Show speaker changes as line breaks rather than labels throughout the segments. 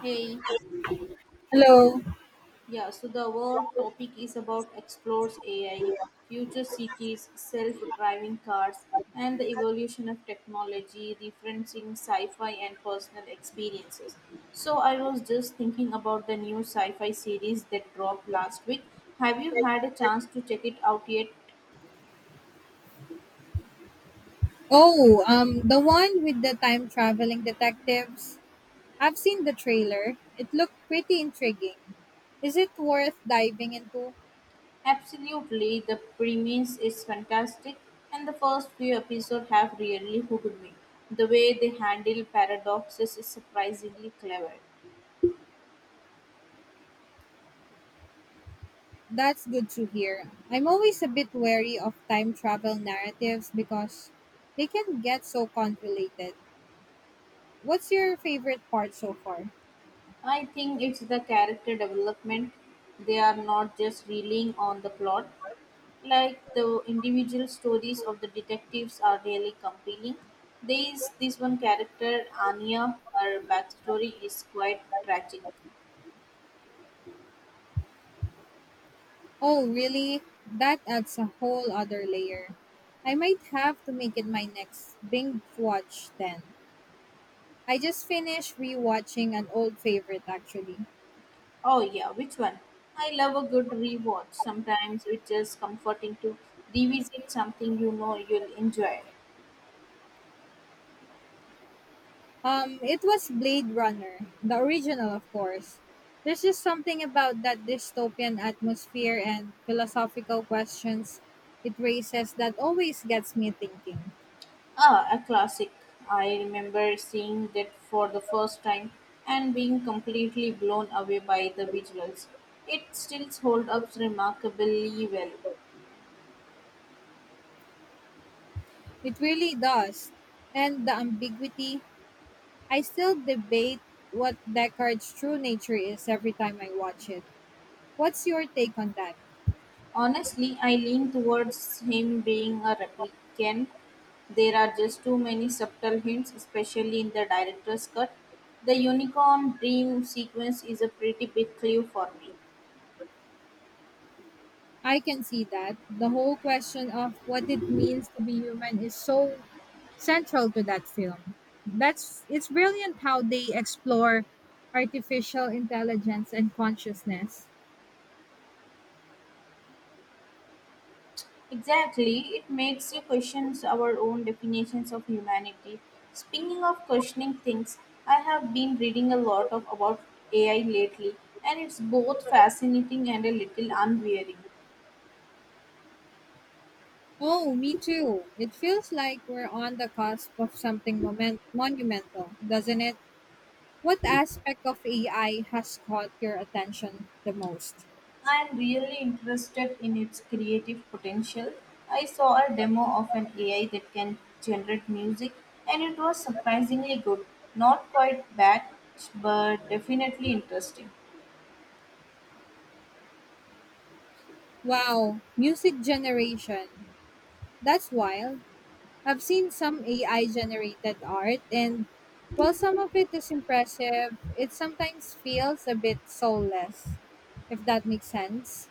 Hey,
Hello.
yeah, so the our topic is about explores AI, future cities, self-driving cars, and the evolution of technology, referencing sci-fi and personal experiences. So I was just thinking about the new sci-fi series that dropped last week. Have you had a chance to check it out yet?
Oh, the one with the time traveling detectives. I've seen the trailer. It looked pretty intriguing. Is it worth diving into?
Absolutely, the premise is fantastic, and the first few episodes have really hooked me. The way they handle paradoxes is surprisingly clever.
That's good to hear. I'm always a bit wary of time travel narratives because they can get so convoluted. What's your favorite part so far?
I think it's the character development. They are not just relying on the plot. Like the individual stories of the detectives are really compelling. There is this one character, Anya, her backstory is quite tragic.
Oh, really? That adds a whole other layer. I might have to make it my next binge watch then. I just finished rewatching an old favorite actually.
Oh, yeah, which one? I love a good rewatch. Sometimes it's just comforting to revisit something you know you'll enjoy.
It was Blade Runner, the original, of course. There's just something about that dystopian atmosphere and philosophical questions it raises that always gets me thinking.
Ah, a classic. I remember seeing that for the first time and being completely blown away by the visuals. It still holds up remarkably well.
It really does. And the ambiguity, I still debate what Deckard's true nature is every time I watch it. What's your take on that?
Honestly, I lean towards him being a replicant. There are just too many subtle hints, especially in the director's cut. The unicorn dream sequence is a pretty big clue for me.
I can see that. The whole question of what it means to be human is so central to that film. That's it's brilliant how they explore artificial intelligence and consciousness.
Exactly, it makes you question our own definitions of humanity. Speaking of questioning things, I have been reading a lot of about AI lately, and it's both fascinating and a little unwearing.
Oh, me too. It feels like we're on the cusp of something monumental, doesn't it? What aspect of AI has caught your attention the most?
I am really interested in its creative potential. I saw a demo of an AI that can generate music, and it was surprisingly good. Not quite bad, but definitely interesting.
Wow, music generation. That's wild. I've seen some AI generated art, and while some of it is impressive, it sometimes feels a bit soulless, if that makes sense.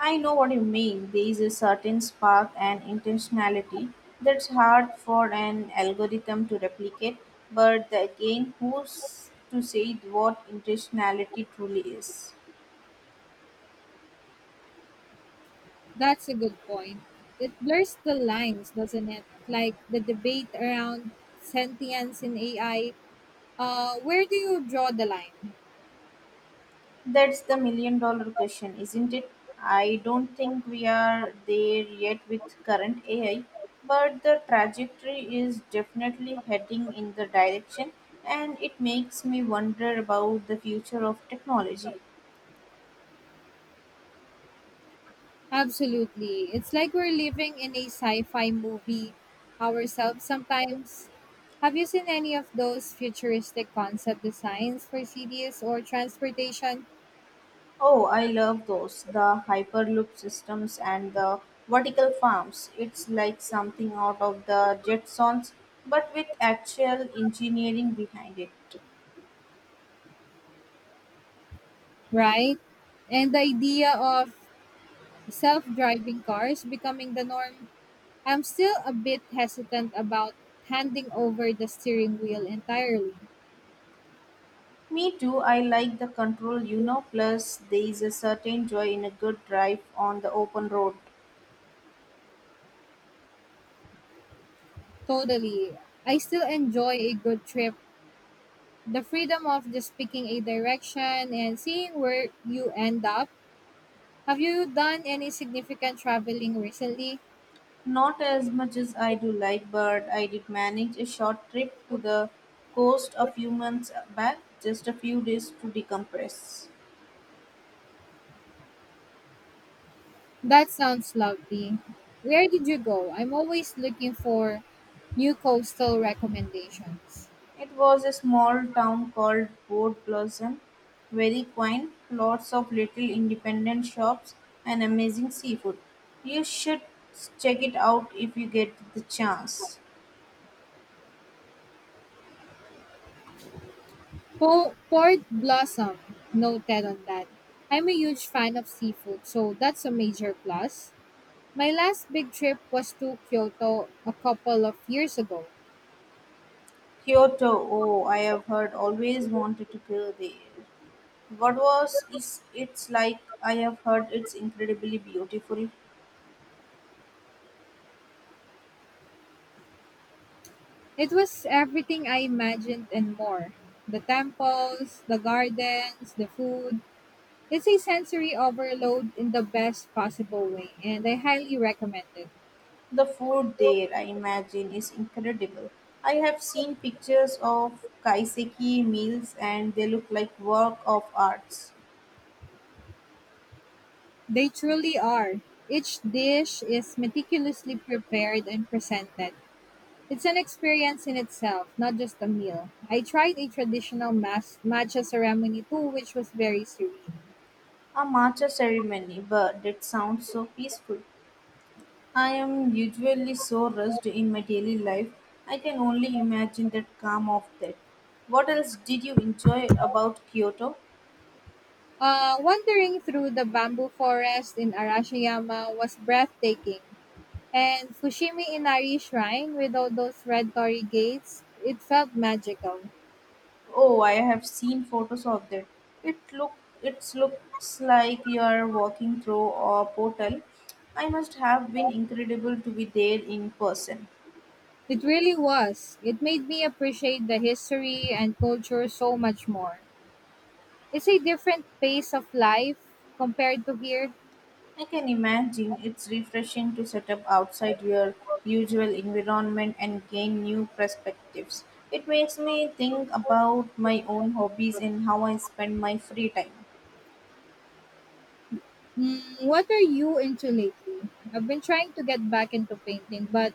I know what you mean. There is a certain spark and intentionality that's hard for an algorithm to replicate, but again, who's to say what intentionality truly is?
That's a good point. It blurs the lines, doesn't it? Like the debate around sentience in AI. Where do you draw the line?
That's the million dollar question, isn't it? I don't think we are there yet with current AI, but the trajectory is definitely heading in the direction, and it makes me wonder about the future of technology.
Absolutely. It's like we're living in a sci fi movie ourselves sometimes. Have you seen any of those futuristic concept designs for cities or transportation?
Oh, I love those. The Hyperloop systems and the vertical farms. It's like something out of the Jetsons, but with actual engineering behind it.
Right? And the idea of self driving cars becoming the norm. I'm still a bit hesitant about handing over the steering wheel entirely.
Me too, I like the control, you know, plus there is a certain joy in a good drive on the open road.
Totally. I still enjoy a good trip. The freedom of just picking a direction and seeing where you end up. Have you done any significant traveling recently?
Not as much as I do like, but I did manage a short trip to the coast a few months back, just a few days to decompress.
That sounds lovely. Where did you go? I'm always looking for new coastal recommendations.
It was a small town called Port Blossom, very quaint, lots of little independent shops and amazing seafood. You should check it out if you get the chance.
Port Blossom, noted on that. I'm a huge fan of seafood, so that's a major plus. My last big trip was to Kyoto a couple of years ago.
Kyoto, oh, I have heard always wanted to go there. What was is it's like? I have heard it's incredibly beautiful.
It was everything I imagined and more, the temples, the gardens, the food. It's a sensory overload in the best possible way, and I highly recommend it.
The food there, I imagine, is incredible. I have seen pictures of kaiseki meals and they look like work of arts.
They truly are. Each dish is meticulously prepared and presented. It's an experience in itself, not just a meal. I tried a traditional matcha ceremony too, which was very serene.
A matcha ceremony, but it sounds so peaceful. I am usually so rushed in my daily life. I can only imagine that calm of that. What else did you enjoy about Kyoto?
Wandering through the bamboo forest in Arashiyama was breathtaking, and Fushimi Inari Shrine with all those red torii gates, it felt magical.
Oh, I have seen photos of that. It look it looks like you are walking through a portal. I must have been incredible to be there in person.
It really was. It made me appreciate the history and culture so much more. It's a different pace of life compared to here.
I can imagine it's refreshing to set up outside your usual environment and gain new perspectives. It makes me think about my own hobbies and how I spend my free time.
What are you into lately? I've been trying to get back into painting, but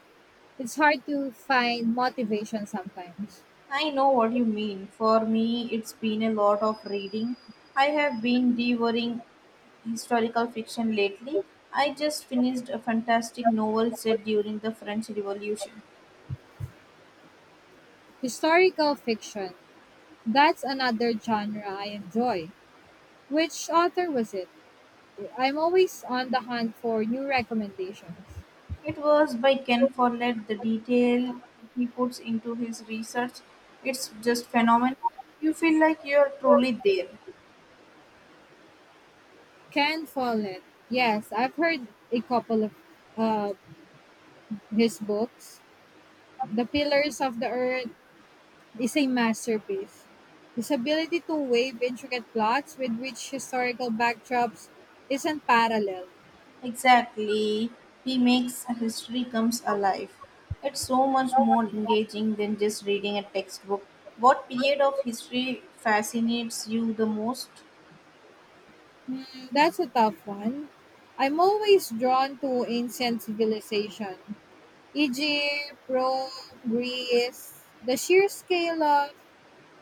it's hard to find motivation sometimes.
I know what you mean. For me, it's been a lot of reading. I have been devouring historical fiction lately. I just finished a fantastic novel set during the French Revolution.
Historical fiction. That's another genre I enjoy. Which author was it? I'm always on the hunt for new recommendations.
It was by Ken Follett. The detail he puts into his research, it's just phenomenal. You feel like you're truly there.
Ken Follett. Yes, I've heard a couple of uh, his books. The Pillars of the Earth is a masterpiece. His ability to weave intricate plots with rich historical backdrops isn't paralleled.
Exactly. He makes history comes alive. It's so much more engaging than just reading a textbook. What period of history fascinates you the most?
That's a tough one. I'm always drawn to ancient civilization, Egypt, Rome, Greece. The sheer scale of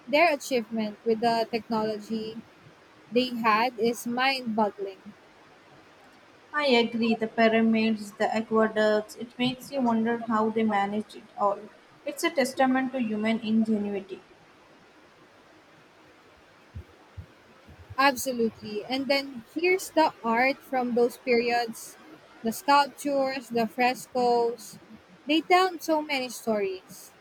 their achievement with the technology they had is mind-boggling.
I agree, the pyramids, the aqueducts, it makes you wonder how they managed it all. It's a testament to human ingenuity.
Absolutely. And then here's the art from those periods, the sculptures, the frescoes. They tell so many stories.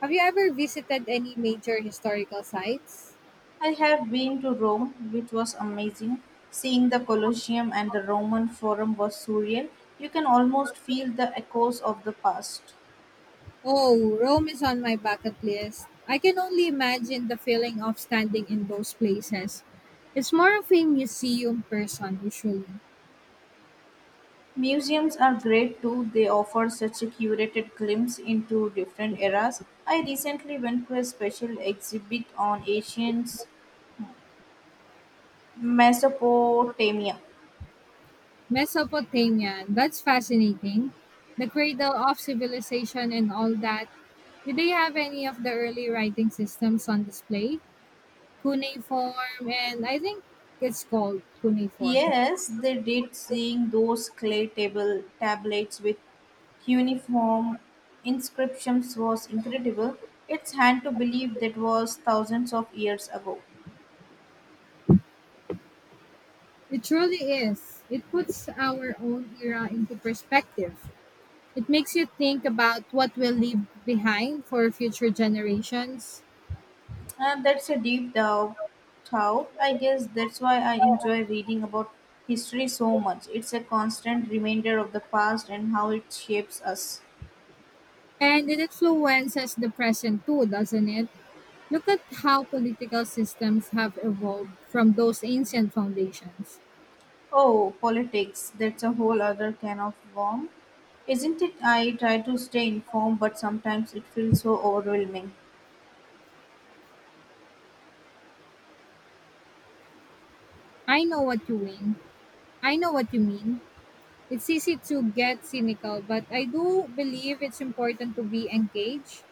Have you ever visited any major historical sites?
I have been to Rome, which was amazing. Seeing the Colosseum and the Roman Forum was surreal. You can almost feel the echoes of the past.
Oh, Rome is on my bucket list. I can only imagine the feeling of standing in those places. It's more of a museum person usually.
Museums are great too, they offer such a curated glimpse into different eras. I recently went to a special exhibit on ancient Mesopotamia.
Mesopotamia, that's fascinating. The cradle of civilization and all that. Did they have any of the early writing systems on display? Cuneiform, and I think it's called cuneiform.
Yes, they did seeing those clay table tablets with cuneiform inscriptions was incredible. It's hard to believe that was thousands of years ago.
It truly is. It puts our own era into perspective. It makes you think about what we'll leave behind for future generations.
And that's a thought. I guess that's why I enjoy reading about history so much. It's a constant reminder of the past and how it shapes us.
And it influences the present too, doesn't it? Look at how political systems have evolved from those ancient foundations.
Oh, politics. That's a whole other can of worm. Isn't it? I try to stay informed, but sometimes it feels so overwhelming.
I know what you mean. I know what you mean. It's easy to get cynical, but I do believe it's important to be engaged,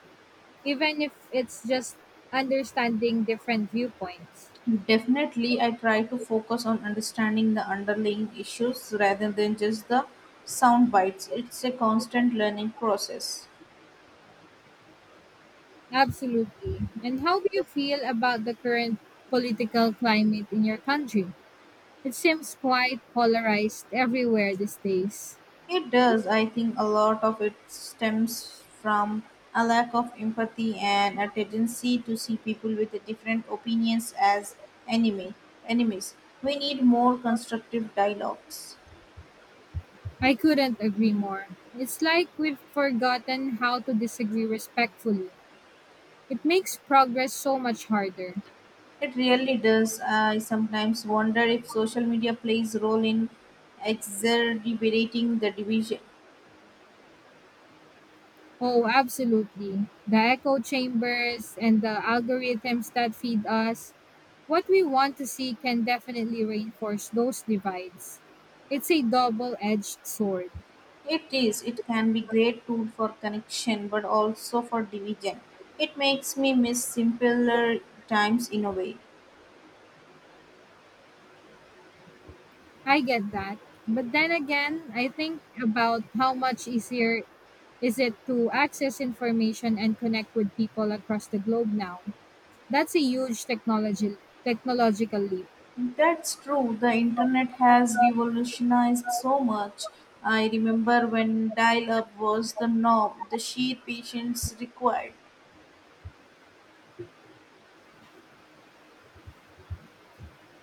even if it's just understanding different viewpoints.
Definitely, I try to focus on understanding the underlying issues rather than just the sound bites. It's a constant learning process.
Absolutely. And how do you feel about the current political climate in your country? It seems quite polarized everywhere these days.
It does. I think a lot of it stems from a lack of empathy and a tendency to see people with different opinions as enemy enemies. We need more constructive dialogues.
I couldn't agree more. It's like we've forgotten how to disagree respectfully. It makes progress so much harder.
It really does. I sometimes wonder if social media plays a role in exacerbating the division.
Oh, absolutely. The echo chambers and the algorithms that feed us what we want to see can definitely reinforce those divides. It's a double edged sword.
It is. It can be great tool for connection, but also for division. It makes me miss simpler times in a way.
I get that. But then again, I think about how much easier is it to access information and connect with people across the globe now. That's a huge technology technological leap.
That's true. The internet has revolutionized so much. I remember when dial up was the norm, the sheer patience required,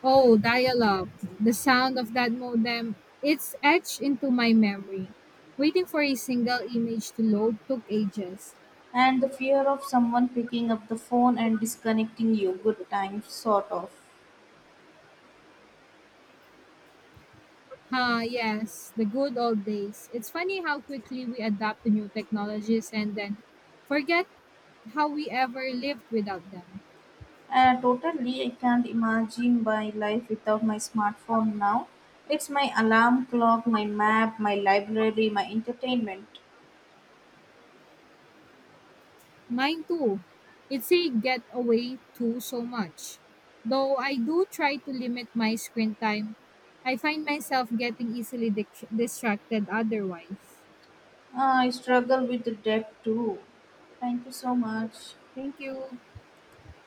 Oh, dial-up. The sound of that modem, it's etched into my memory. Waiting for a single image to load took ages.
and the fear of someone picking up the phone and disconnecting you. Good times, sort of.
Ah, yes, the good old days. It's funny how quickly we adapt to new technologies and then forget how we ever lived without them.
Totally, I can't imagine my life without my smartphone now. It's my alarm clock, my map, my library, my entertainment.
Mine too. It's a getaway too so much. Though I do try to limit my screen time, I find myself getting easily distracted otherwise.
I struggle with the debt too. Thank you so much.
Thank you.